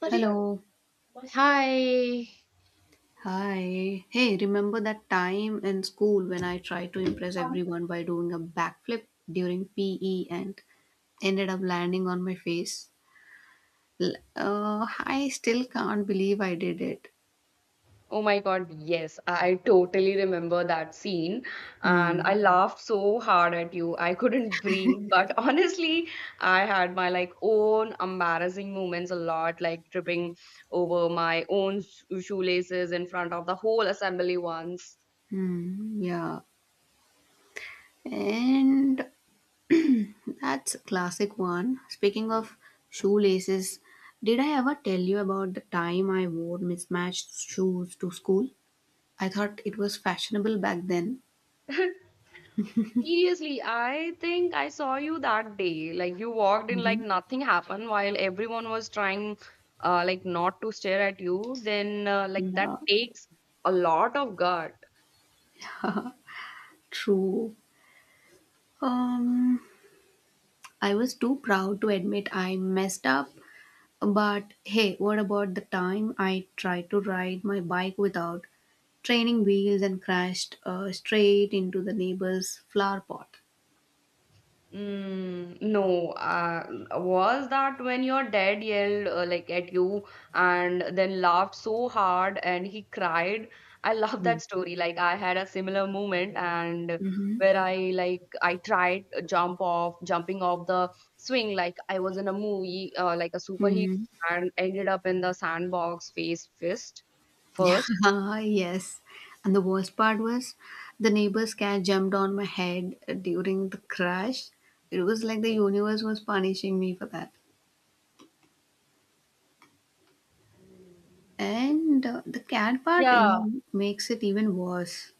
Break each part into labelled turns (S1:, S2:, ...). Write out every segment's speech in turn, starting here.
S1: Sorry.
S2: Hello.
S1: Hi.
S2: Hi. Hey, remember that time in school when I tried to impress everyone by doing a backflip during PE and ended up landing on my face? L- Uh, I still can't believe I did it.
S1: Oh my God, yes, I totally remember that scene. And
S2: Hmm.
S1: I laughed so hard at you. I couldn't breathe. But honestly, I had my own embarrassing moments a lot, like tripping over my own shoelaces in front of the whole assembly once.
S2: Hmm. Yeah. And that's a classic one. Speaking of shoelaces, did I ever tell you about the time I wore mismatched shoes to school? I thought it was fashionable back then.
S1: Seriously, I think I saw you that day. Like you walked in like
S2: Mhm.
S1: nothing happened while everyone was trying like not to stare at you. Then like that
S2: Yeah,
S1: takes a lot of guts.
S2: true. Um, I was too proud to admit I messed up. But hey, what about the time I tried to ride my bike without training wheels and crashed straight into the neighbor's flower pot?
S1: Mm, no. Was that when your dad yelled like at you and then laughed so hard and he cried? I love that story. Like I had a similar moment and
S2: Mm-hmm.
S1: where I tried to jumping off the swing like I was in a movie, like a superhero,
S2: Mm-hmm.
S1: and ended up in the sandbox face fist first.
S2: Ah, yes. And the worst part was the neighbor's cat jumped on my head during the crash. It was like the universe was punishing me for that. And the cat part
S1: Yeah.
S2: makes it even worse.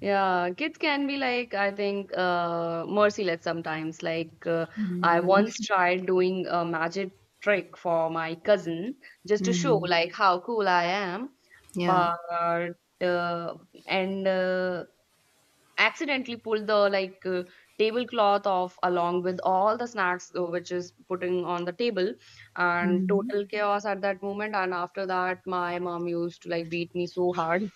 S1: Yeah, kids can be, like, I think, merciless sometimes. Like, I
S2: Mm.
S1: once tried doing a magic trick for my cousin just to show
S2: Mm.
S1: like how cool I am,
S2: Yeah.
S1: but uh, and accidentally pulled the tablecloth off along with all the snacks which is putting on the table, and
S2: Mm.
S1: total chaos at that moment. And after that, my mom used to like beat me so hard.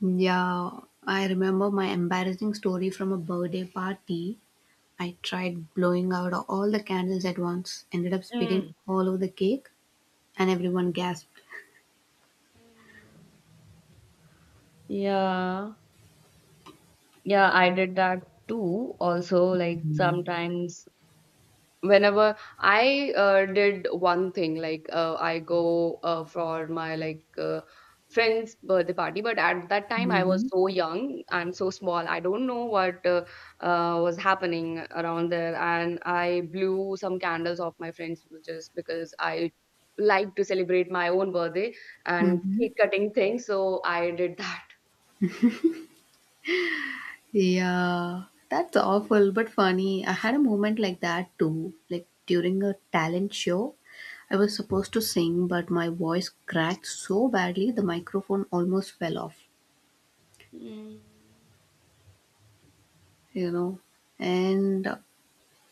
S2: Yeah. I remember my embarrassing story from a birthday party. I tried blowing out all the candles at once, ended up spitting all over the cake, and everyone gasped.
S1: Yeah. Yeah, I did that too. Also, like sometimes whenever I did one thing I go for my friend's birthday party, but at that time I was
S2: Hmm.
S1: so young and so small I don't know what was happening around there and I blew some candles off my friends just because I like to celebrate my own birthday and cake cutting things, so I did that.
S2: Yeah, that's awful but funny. I had a moment like that too, like during a talent show. I was supposed to sing, but my voice cracked so badly the microphone almost fell off,
S1: Mm,
S2: you know. And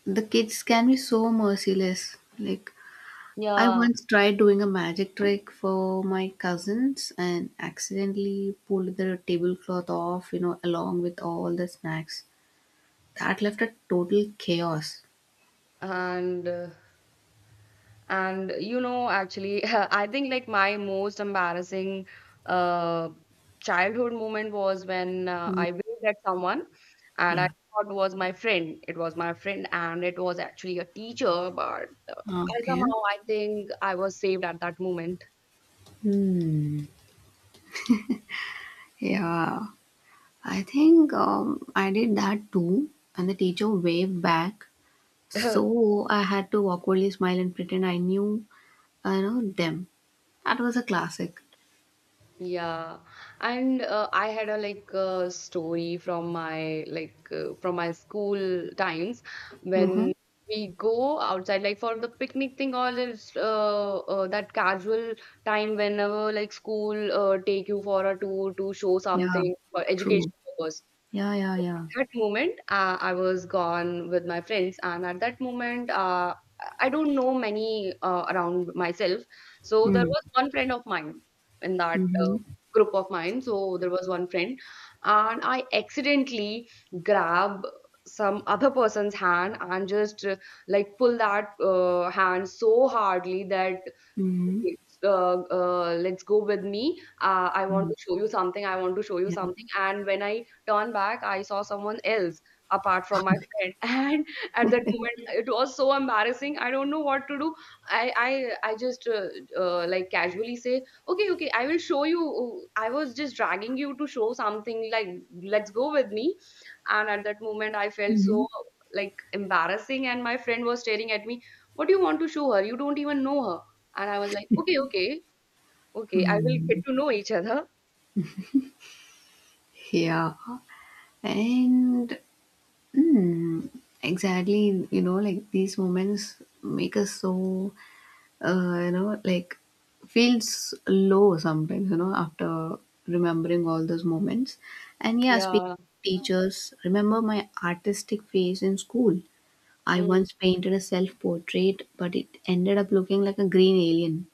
S2: the kids can be so merciless. Like, I
S1: yeah.
S2: once tried doing a magic trick for my cousins and accidentally pulled the tablecloth off, along with all the snacks. That left a total chaos.
S1: and uh, And you know, actually, I think like my most embarrassing uh, childhood moment was when I waved at someone and I
S2: Yeah.
S1: thought was my friend. It was my friend, and it was actually a teacher, but
S2: Okay.
S1: I think I was saved at that moment.
S2: Hmm. Yeah, I think I did that too, and the teacher waved back. So I had to awkwardly smile and pretend I knew, I know them. That was a classic.
S1: Yeah, and I had a story from my from my school times
S2: Mm-hmm.
S1: when we go outside like for the picnic thing, or this that casual time whenever like school take you for a tour to show
S2: Yeah,
S1: something for
S2: true.
S1: education purpose.
S2: Yeah, yeah,
S1: So
S2: yeah.
S1: that moment, I was gone with my friends, and at that moment, I don't know many around myself. So there
S2: Hmm.
S1: was one friend of mine in that
S2: Mm-hmm.
S1: group of mine. So there was one friend, and I accidentally grab some other person's hand and just like pull that hand so hardly that,
S2: Mm-hmm.
S1: okay, let's go with me. I want
S2: Mm.
S1: to show you something. I want to show you
S2: Yeah.
S1: something. And when I turned back, I saw someone else apart from my friend. And at that moment, it was so embarrassing. I don't know what to do. I I I just like casually say, okay, okay, I will show you. I was just dragging you to show something. Like, let's go with me. And at that moment, I felt
S2: Mm-hmm.
S1: so like embarrassing. And my friend was staring at me. What do you want to show her? You don't even know her. And I was like, "Okay, okay, okay, I will
S2: Hmm.
S1: get to know each other."
S2: Yeah. And mm, exactly, like these moments make us so like feels low sometimes, after remembering all those moments. And yeah, speaking
S1: Yeah.
S2: of teachers, remember my artistic phase in school. I
S1: Mm.
S2: once painted a self portrait, but it ended up looking like a green alien.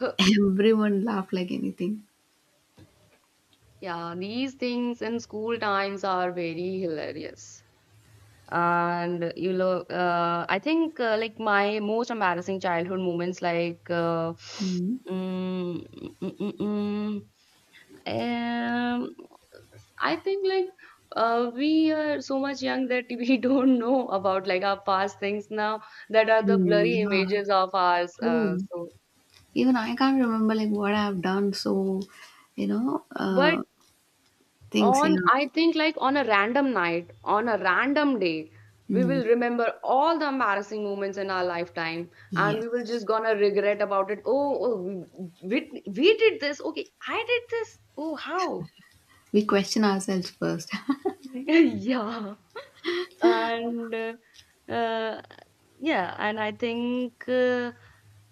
S1: Huh.
S2: Everyone laughed like anything.
S1: Yeah, these things in school times are very hilarious. And you know, I think like my most embarrassing childhood moments,
S2: Mm.
S1: mm, mm, mm, mm, um, I think like we are so much young that we don't know about like our past things now that are the
S2: Mm,
S1: blurry
S2: yeah,
S1: images of ours.
S2: true.
S1: So,
S2: Even I can't remember like what I have done. So, you know,
S1: but
S2: things. Yeah.
S1: on, I think, like on a random night, on a random day, we
S2: Mm,
S1: will remember all the embarrassing moments in our lifetime and we will
S2: yes.
S1: just gonna regret about it. Oh, oh we did this. Okay, I did this. Oh, how?
S2: We question ourselves first.
S1: Yeah. And uh, yeah, and I think uh,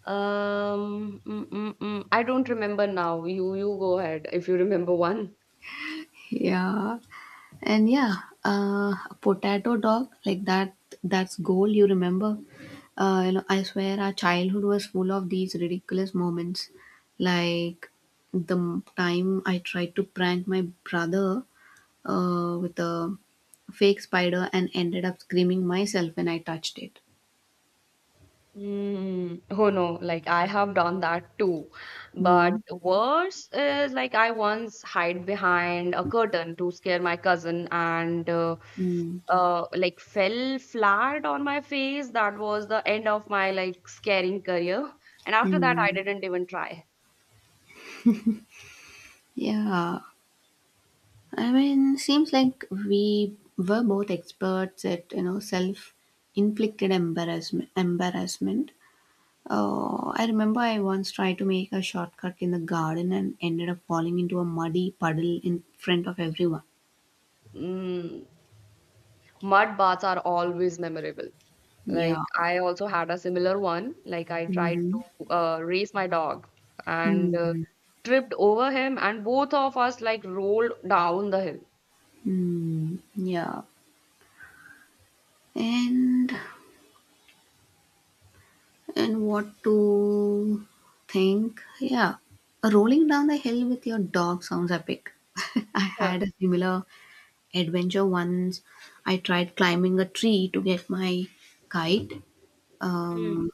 S1: um, mm, mm, mm, I don't remember now. You go ahead if you remember one.
S2: Yeah. And yeah, a potato dog like that that's goal you remember. I swear our childhood was full of these ridiculous moments. Like the time I tried to prank my brother with a fake spider and ended up screaming myself when I touched it.
S1: Mm, oh no, like I have done that too. But
S2: Mm.
S1: worse is, like, I once hid behind a curtain to scare my cousin and
S2: Mm.
S1: like fell flat on my face. That was the end of my like scaring career. And after that, I
S2: Mm.
S1: didn't even try.
S2: Yeah. I mean, seems like we were both experts at self-inflicted embarrassment. Embarrassment. Oh, I remember I once tried to make a shortcut in the garden and ended up falling into a muddy puddle in front of everyone.
S1: Mm. Mud baths are always memorable. Like
S2: Yeah.
S1: I also had a similar one. Like I tried
S2: Mm-hmm.
S1: to race my dog and
S2: Mm.
S1: tripped over him, and both of us like rolled down the hill.
S2: Mm. Yeah. And and what to think? Yeah. Rolling down the hill with your dog sounds epic. I
S1: Huh.
S2: had a similar adventure once, I tried climbing a tree to get my kite,
S1: Mm.
S2: um,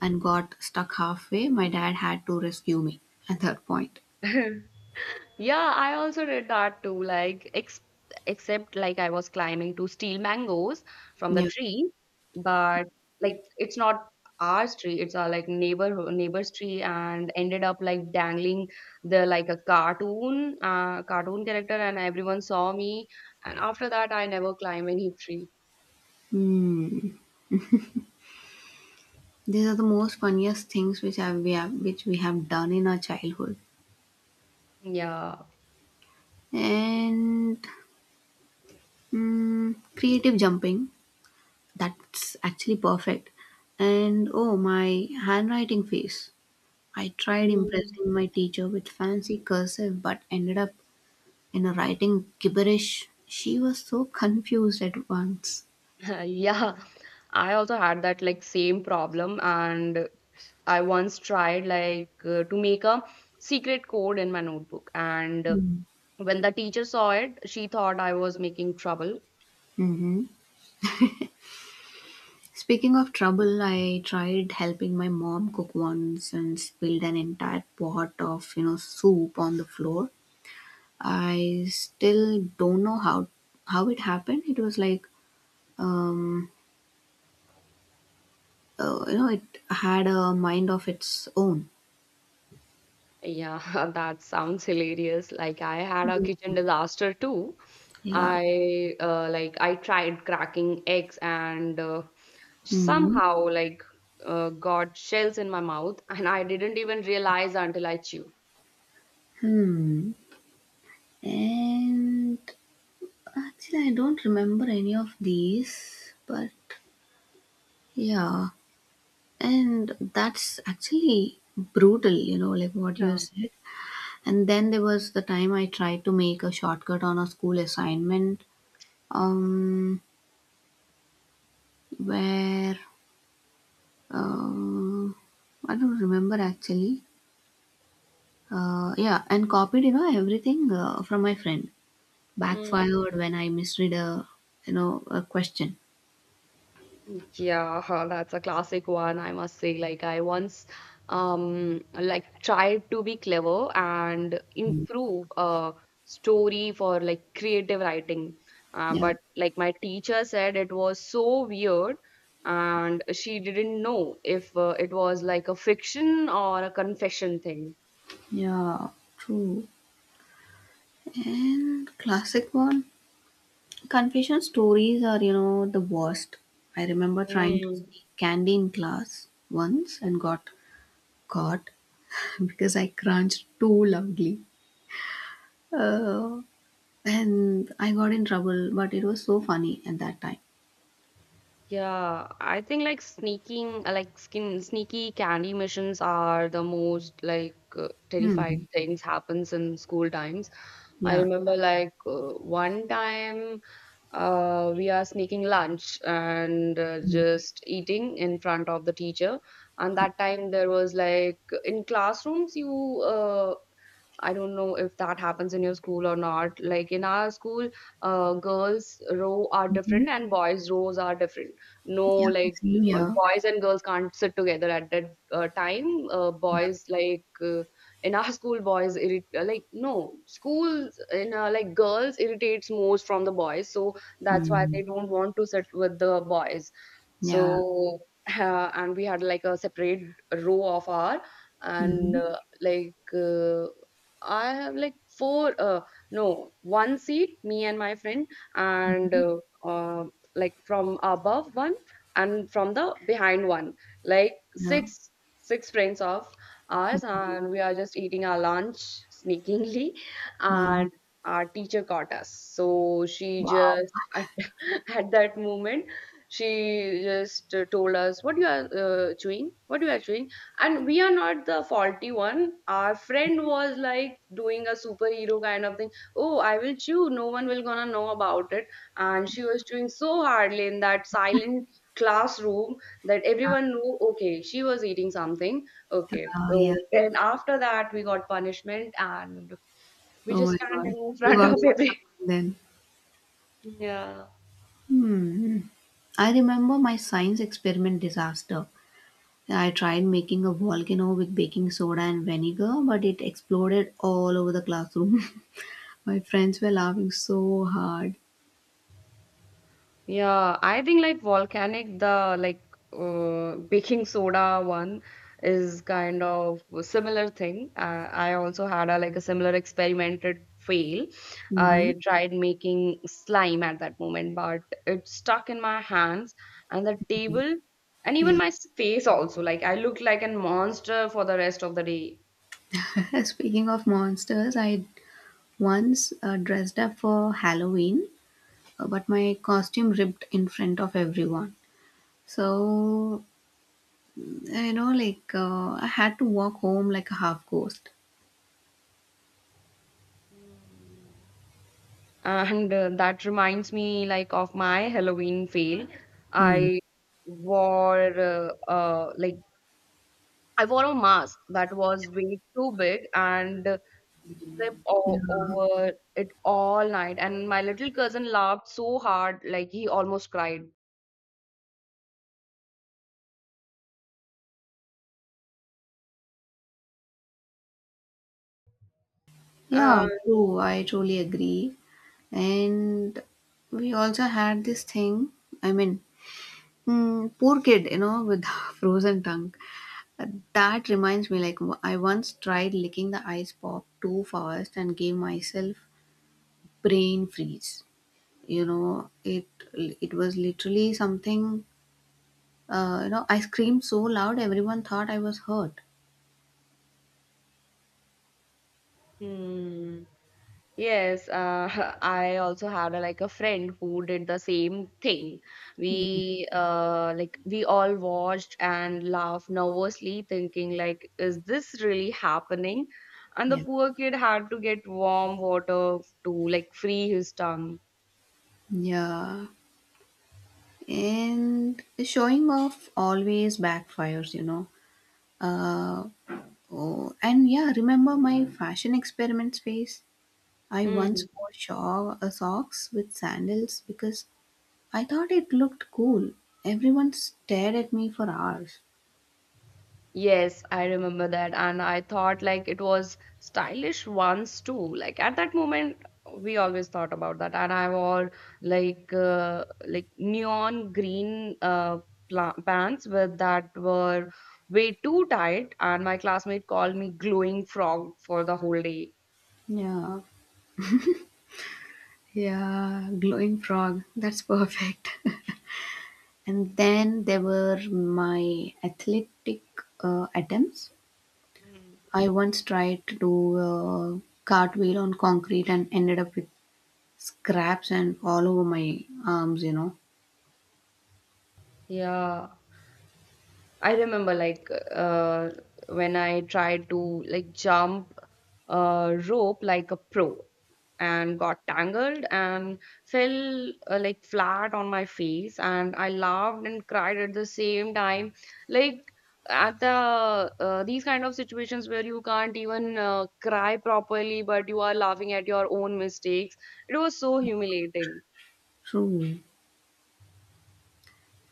S2: and got stuck halfway, my dad had to rescue me at that point.
S1: Yeah, I also did that too. Like, ex except like I was climbing to steal mangoes from the
S2: Yeah.
S1: tree, but like it's not our tree. It's our like neighbor's tree, and ended up like dangling the like a cartoon, cartoon character, and everyone saw me. And after that, I never climb any tree.
S2: Hmm. These are the most funniest things which we have which we have done in our childhood.
S1: Yeah.
S2: And hmm, creative jumping, that's actually perfect. And oh, my handwriting face. I tried
S1: Mm.
S2: impressing my teacher with fancy cursive but ended up, writing gibberish. She was so confused at once.
S1: Yeah, I also had that like same problem, and I once tried to make a secret code in my notebook, and
S2: Mm.
S1: when the teacher saw it, she thought I was making trouble.
S2: Hmm. Speaking of trouble, I tried helping my mom cook once and spilled an entire pot of, soup on the floor. I still don't know how it happened. It was like, um, it had a mind of its own.
S1: Yeah, that sounds hilarious. Like I had a
S2: Mm.
S1: kitchen disaster too.
S2: Yeah.
S1: I like I tried cracking eggs and
S2: Hmm.
S1: somehow got shells in my mouth, and I didn't even realize until I chewed.
S2: Hmm. And actually, I don't remember any of these, but yeah. And that's actually brutal, like what you said. And then there was the time I tried to make a shortcut on a school assignment, um, where um, I don't remember actually. Yeah, and copied, everything from my friend.
S1: Yeah.
S2: Backfired when I misread a question.
S1: Yeah, that's a classic one, I must say. Like I once like tried to be clever and improve a story for like creative writing.
S2: Yeah,
S1: But like my teacher said it was so weird and she didn't know if it was like a fiction or a confession thing.
S2: yeah, true. And classic one, confession stories are, the worst. I remember trying to sneak candy in class once and got caught because I crunched too loudly. Uh, and I got in trouble, but it was so funny at that time.
S1: Yeah, I think like sneaking, like skin sneaky candy missions are the most
S2: Hmm.
S1: terrifying things happens in school times. I
S2: Yeah.
S1: remember one time, we are sneaking lunch and just eating in front of the teacher. And that time there was like in classrooms you I don't know if that happens in your school or not. Like in our school, girls' row are
S2: Mm-hmm.
S1: different and boys' rows are different. No,
S2: Yeah.
S1: like
S2: Same here.
S1: boys and girls can't sit together at that time.
S2: Yeah.
S1: Boys in our school, boys like no schools in like girls irritates most from the boys, so that's why
S2: Hmm.
S1: they don't want to sit with the boys.
S2: Yeah.
S1: So and we had like a separate row of our and
S2: Mm-hmm.
S1: I have like four, no, one seat, me and my friend, and uh, like from above one and from the behind one, like
S2: Yeah.
S1: six friends of ours, and we are just eating our lunch sneakingly,
S2: Yeah.
S1: and our teacher caught us. So she
S2: Wow.
S1: just at that moment, she just told us, "What you are chewing? What you are chewing?" And we are not the faulty one. Our friend was like doing a superhero kind of thing. Oh, I will chew, no one will gonna know about it. And she was chewing so hardly in that silent classroom that everyone knew, okay, she was eating something. Okay, so
S2: Yeah.
S1: then after that we got punishment and we
S2: Oh my
S1: just stand
S2: God.
S1: in
S2: You
S1: front
S2: got
S1: of
S2: in
S1: every.
S2: trouble then.
S1: Yeah.
S2: Hmm. I remember my science experiment disaster. I tried making a volcano with baking soda and vinegar, but it exploded all over the classroom. My friends were laughing so hard.
S1: Yeah, I think like volcanic, the baking soda one is kind of a similar thing. I also had a like a similar experimented fail.
S2: Hmm.
S1: I tried making slime at that moment, but it stuck in my hands and the table and even
S2: Yeah.
S1: my face also. Like I looked like a monster for the rest of the day.
S2: Speaking of monsters, I once dressed up for Halloween, but my costume ripped in front of everyone. So, I had to walk home like a half ghost.
S1: And that reminds me like of my Halloween fail.
S2: Hmm.
S1: I wore I wore a mask that was way too big and tripped over it all night. And my little cousin laughed so hard, like he almost cried.
S2: Yeah,
S1: And
S2: true. I truly agree. And we also had this thing, I mean, mm, poor kid, with frozen tongue. Uh, That reminds me, like, I once tried licking the ice pop too fast and gave myself brain freeze. You know, it it was literally something. I screamed so loud, everyone thought I was hurt.
S1: hmm, yes, I also had a, like a friend who did the same thing.
S2: Mm,
S1: We like we all watched and laughed nervously, thinking like, is this really happening? And the
S2: yeah.
S1: poor kid had to get warm water to like free his tongue.
S2: Yeah, and showing off always backfires, you know. Uh, Oh, and yeah, remember my fashion experiment phase? I
S1: Hmm.
S2: once wore socks with sandals because I thought it looked cool. Everyone stared at me for hours.
S1: Yes, I remember that. And I thought like it was stylish once too. Like at that moment, we always thought about that. And I wore like neon green pla pants with that were way too tight. And my classmate called me glowing frog for the whole day.
S2: Yeah, yeah, glowing frog. That's perfect. And then there were my athletic attempts. I once tried to do a cartwheel on concrete and ended up with scraps and all over my arms, you know.
S1: Yeah. I remember when I tried to like jump a rope like a pro and got tangled and fell like flat on my face, and I laughed and cried at the same time. Like at the these kind of situations where you can't even cry properly but you are laughing at your own mistakes. It was so humiliating.
S2: True.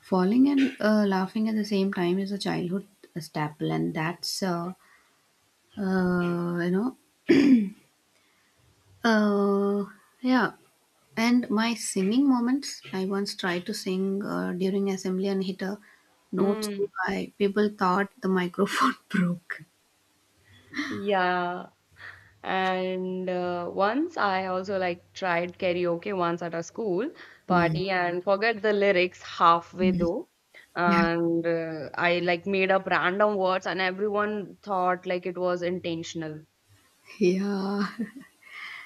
S2: Falling and laughing at the same time is a childhood staple, and uh, you know, uh, yeah. And my singing moments, I once tried to sing during assembly and hit a note so
S1: mm,
S2: high, people thought the microphone broke.
S1: yeah. And once I also like tried karaoke once at a school
S2: Hmm.
S1: party and forgot the lyrics halfway though. And I like made up random words and everyone thought like it was intentional.
S2: Yeah,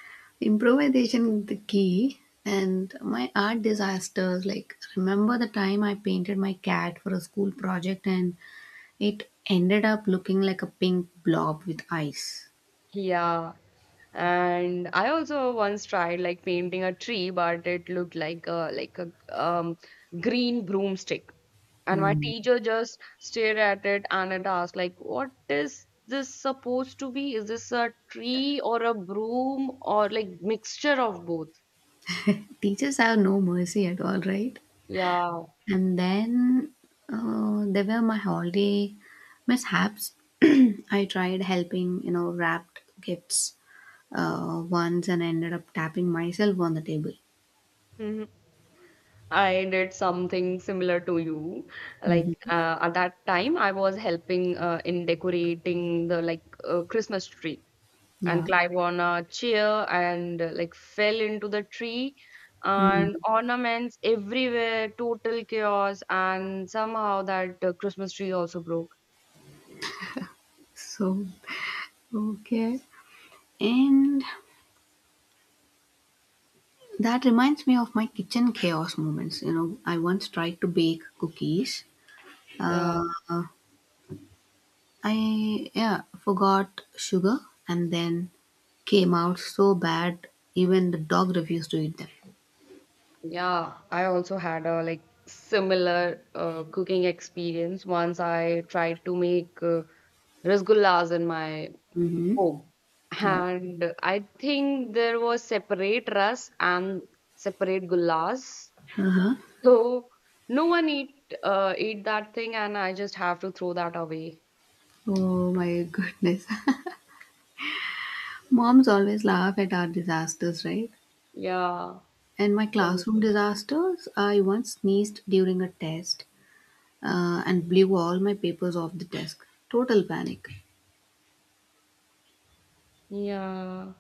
S2: improvisation is the key. And my art disasters, like remember the time I painted my cat for a school project and it ended up looking like a pink blob with eyes.
S1: Yeah. And I also once tried like painting a tree, but it looked like a um green broomstick. And my
S2: Hmm.
S1: teacher just stared at it and it asked, like, what is this supposed to be? Is this a tree or a broom or like mixture of both?
S2: Teachers have no mercy at all, right?
S1: Yeah.
S2: And then they were my holiday mishaps. I tried helping, wrapped gifts once and ended up tapping myself on the table.
S1: Mhm. I did something similar to you. Like
S2: Mhm.
S1: at that time, I was helping in decorating the like Christmas tree. And
S2: Yeah.
S1: climb on a chair and like fell into the tree, and
S2: Mm.
S1: ornaments everywhere, total chaos, and somehow that Christmas tree also broke.
S2: So, okay. And that reminds me of my kitchen chaos moments. I once tried to bake cookies,
S1: Yeah,
S2: forgot sugar and then came out so bad even the dog refused to eat them.
S1: yeah, I also had a like similar cooking experience. Once I tried to make rasgullas in my
S2: Mm-hmm.
S1: home,
S2: No.
S1: and I think there was separate ras and separate gullas. So no one eat ate that thing, and I just have to throw that away.
S2: Oh my goodness. Moms always laugh at our disasters, right?
S1: Yeah.
S2: And my
S1: So
S2: classroom disasters, I once sneezed during a test and blew all my papers off the desk. Total panic.
S1: yeah.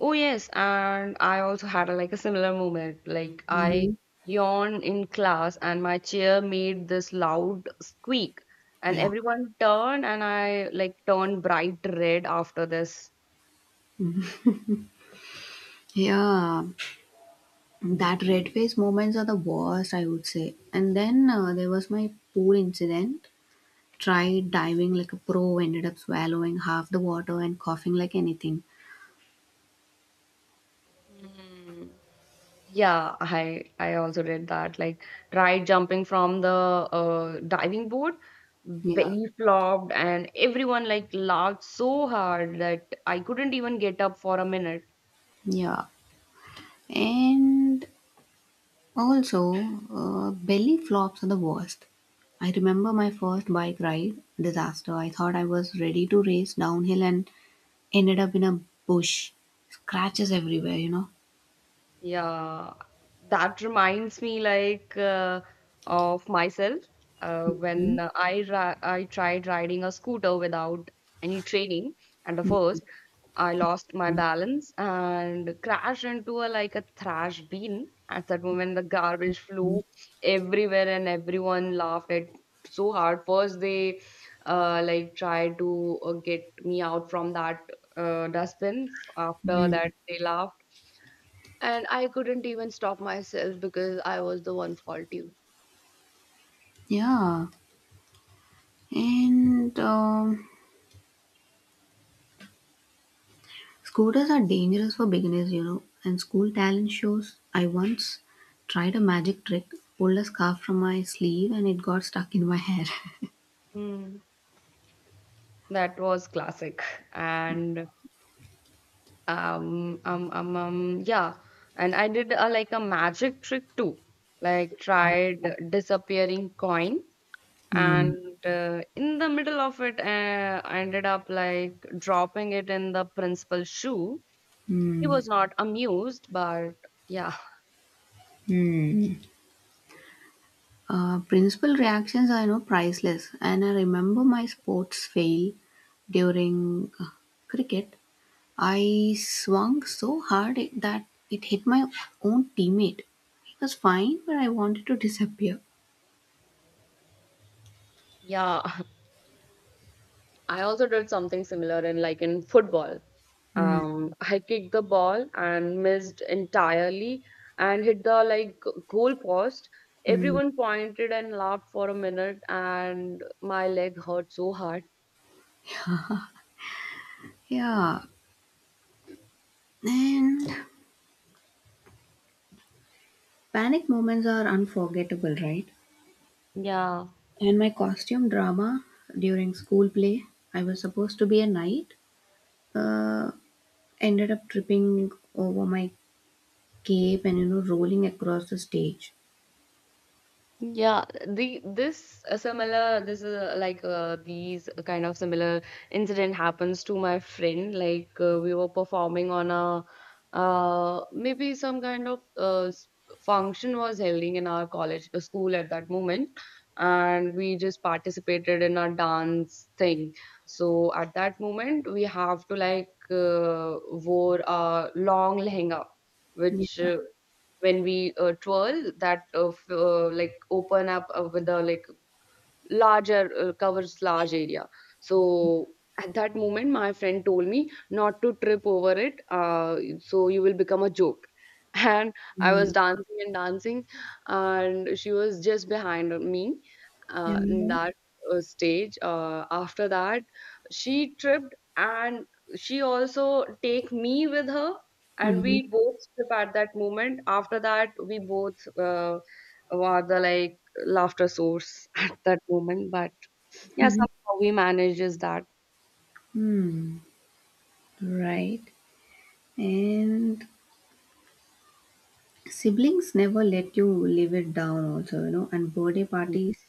S1: Oh yes, and I also had a, like a similar moment. Like I
S2: Mm-hmm.
S1: yawned in class, and my chair made this loud squeak, and
S2: Yeah.
S1: everyone turned, and I like turned bright red after this.
S2: Yeah, that red face moments are the worst, I would say. And then there was my pool incident. Tried diving like a pro, ended up swallowing half the water and coughing like anything.
S1: Yeah, I also did that. Like tried jumping from the diving board,
S2: Yeah,
S1: belly flopped, and everyone like laughed so hard that I couldn't even get up for a minute.
S2: yeah. And also, belly flops are the worst. I remember my first bike ride disaster. I thought I was ready to race downhill and ended up in a bush. Scratches everywhere, you know.
S1: Yeah, that reminds me of myself when I tried riding a scooter without any training, and the first I lost my balance and crashed into a like a trash bin. At that moment, the garbage flew everywhere, and everyone laughed at so hard. First, they like tried to get me out from that dustbin. After that,
S2: Mm.
S1: they laughed, and I couldn't even stop myself because I was the one faulty.
S2: Yeah. And scooters are dangerous for beginners, you know, and school talent shows. I once tried a magic trick, pulled a scarf from my sleeve, and it got stuck in my hair.
S1: Hmm. That was classic. And yeah. And I did a, like a magic trick too. Like tried disappearing coin,
S2: Hmm.
S1: and in the middle of it, I ended up like dropping it in the principal's shoe. He
S2: Hmm.
S1: was not amused, but yeah.
S2: Hmm. Principal reactions are, priceless, and I remember my sports fail during cricket. I swung so hard that it hit my own teammate. He was fine, but I wanted to disappear.
S1: Yeah. I also did something similar in like in football.
S2: Hmm.
S1: I kicked the ball and missed entirely and hit the like goal post.
S2: Hmm.
S1: Everyone pointed and laughed for a minute, and my leg hurt so hard.
S2: Yeah, and panic moments are unforgettable, right?
S1: Yeah.
S2: And my costume drama during school play, I was supposed to be a knight, uh, ended up tripping over my cape and, rolling across the stage.
S1: Yeah, the this is these kind of similar incident happens to my friend. Like we were performing on a maybe some kind of function was holding in our college school at that moment, and we just participated in a dance thing. So at that moment, we have to like wore a long lehenga, which
S2: Yeah.
S1: when we twirl that like open up with the like larger covers large area. So at that moment my friend told me not to trip over it, so you will become a joke. And I was
S2: Mm.
S1: dancing and dancing, and she was just behind me in
S2: Yeah.
S1: that stage. After that, she tripped, and she also take me with her, and
S2: Mhm.
S1: we both trip at that moment. After that, we both were the like laughter source at that moment. But yeah,
S2: Mhm.
S1: somehow we manages that.
S2: Hmm. Right. And siblings never let you live it down also, you know, and birthday parties,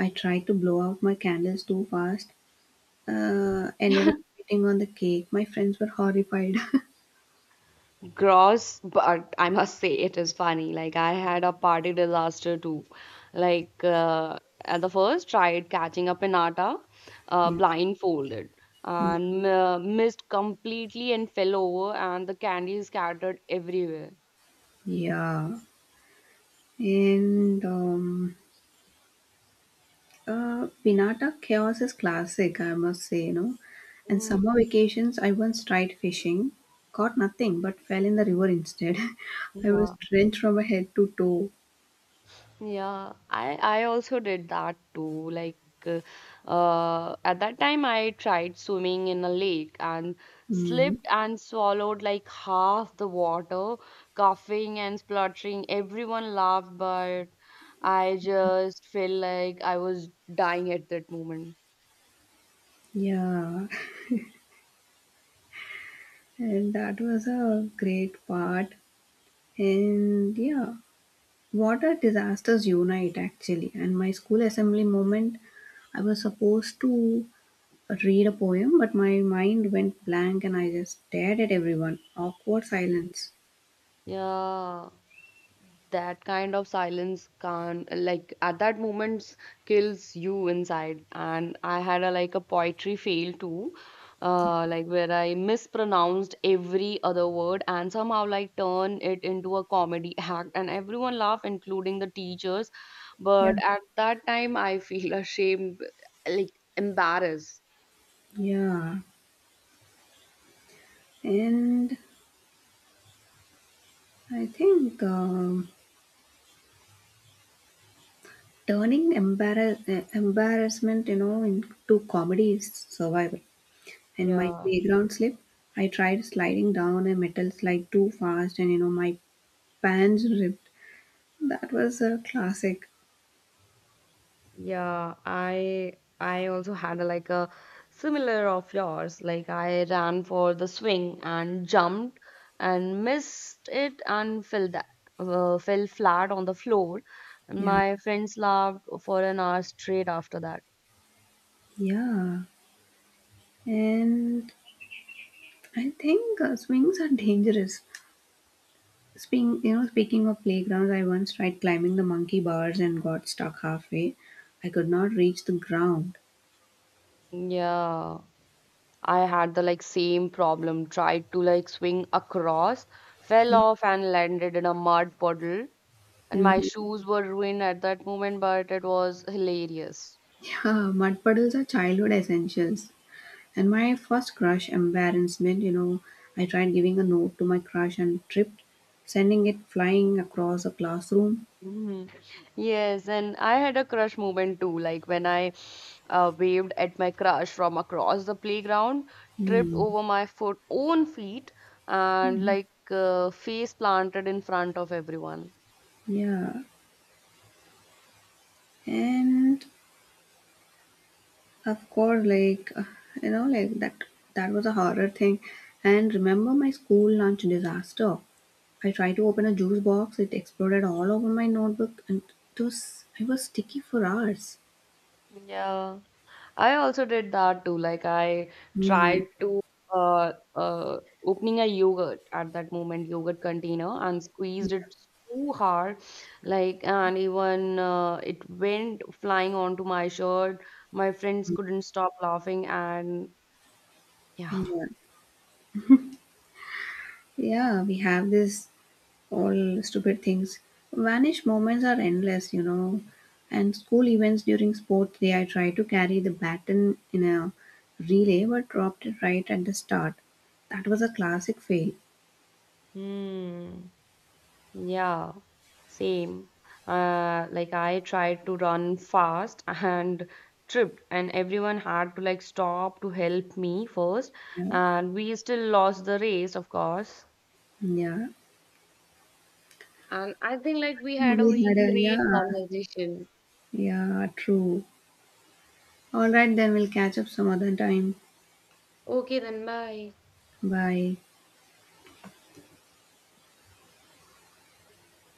S2: I tried to blow out my candles too fast ended up eating on the cake. My friends were horrified.
S1: Gross, but I must say it is funny. Like I had a party disaster too. Like at the first, tried catching a pinata, blindfolded, and missed completely and fell over, and the candy scattered everywhere.
S2: Yeah. And Pinata chaos is classic, I must say, you know. And
S1: Mm,
S2: summer vacations, I once tried fishing, caught nothing, but fell in the river instead. I was
S1: yeah.
S2: drenched from head to toe.
S1: Yeah, I also did that too. Like uh, at that time I tried swimming in a lake and
S2: Mm,
S1: slipped and swallowed like half the water, coughing and spluttering. Everyone laughed, but I just felt like I was dying at that moment.
S2: yeah. And that was a great part. And yeah, water disasters unite actually. And my school assembly moment, I was supposed to read a poem, but my mind went blank and I just stared at everyone. Awkward silence.
S1: Yeah. That kind of silence can like at that moment kills you inside. And I had a like a poetry fail too, like where I mispronounced every other word and somehow like turn it into a comedy act, and everyone laughed including the teachers.
S2: Yeah,
S1: But at that time I feel ashamed, like embarrassed.
S2: yeah. And I think turning embarrassment, into comedy is survival. In my
S1: Yeah.
S2: playground slip, I tried sliding down a metal slide too fast, and you know, my pants ripped. That was a classic.
S1: Yeah, I also had a, like a similar of yours. Like I ran for the swing and jumped and missed it and fell that fell flat on the floor. And
S2: Yeah.
S1: my friends laughed for an hour straight after that.
S2: Yeah, and I think swings are dangerous. Speaking of playgrounds, I once tried climbing the monkey bars and got stuck halfway. I could not reach the ground.
S1: Yeah, I had the like same problem. Tried to like swing across, fell
S2: Yeah.
S1: off and landed in a mud puddle. And my
S2: Hmm.
S1: shoes were ruined at that moment, but it was hilarious.
S2: Yeah, mud puddles are childhood essentials. And my first crush embarrassment, you know, I tried giving a note to my crush and tripped, sending it flying across the classroom.
S1: Hmm. Yes, and I had a crush moment too. Like when I waved at my crush from across the playground, tripped
S2: Hmm.
S1: over my foot, own feet, and like face planted in front of everyone.
S2: Yeah, and of course, like that that was a horror thing. And remember my school lunch disaster. I tried to open a juice box, it exploded all over my notebook and it was I was sticky for hours.
S1: Yeah. I also did that too. Like I
S2: Hmm.
S1: tried to uh, uh, opening a yogurt at that moment, yogurt container, and squeezed it too hard. Like and even it went flying onto my shirt. My friends couldn't stop laughing, and yeah.
S2: Yeah. Yeah, we have this all stupid things. Vanish moments are endless, you know. And school events during sports day, I tried to carry the baton in a relay but dropped it right at the start. That was a classic fail.
S1: Hmm. Yeah, same. Like I tried to run fast and tripped, and everyone had to like stop to help me first,
S2: Yeah.
S1: and we still lost the race, of course.
S2: Yeah.
S1: And I think like we had a
S2: We had
S1: very
S2: a
S1: great
S2: yeah.
S1: conversation.
S2: Yeah, true. All right, then we'll catch up some other time.
S1: Okay, then bye.
S2: Bye.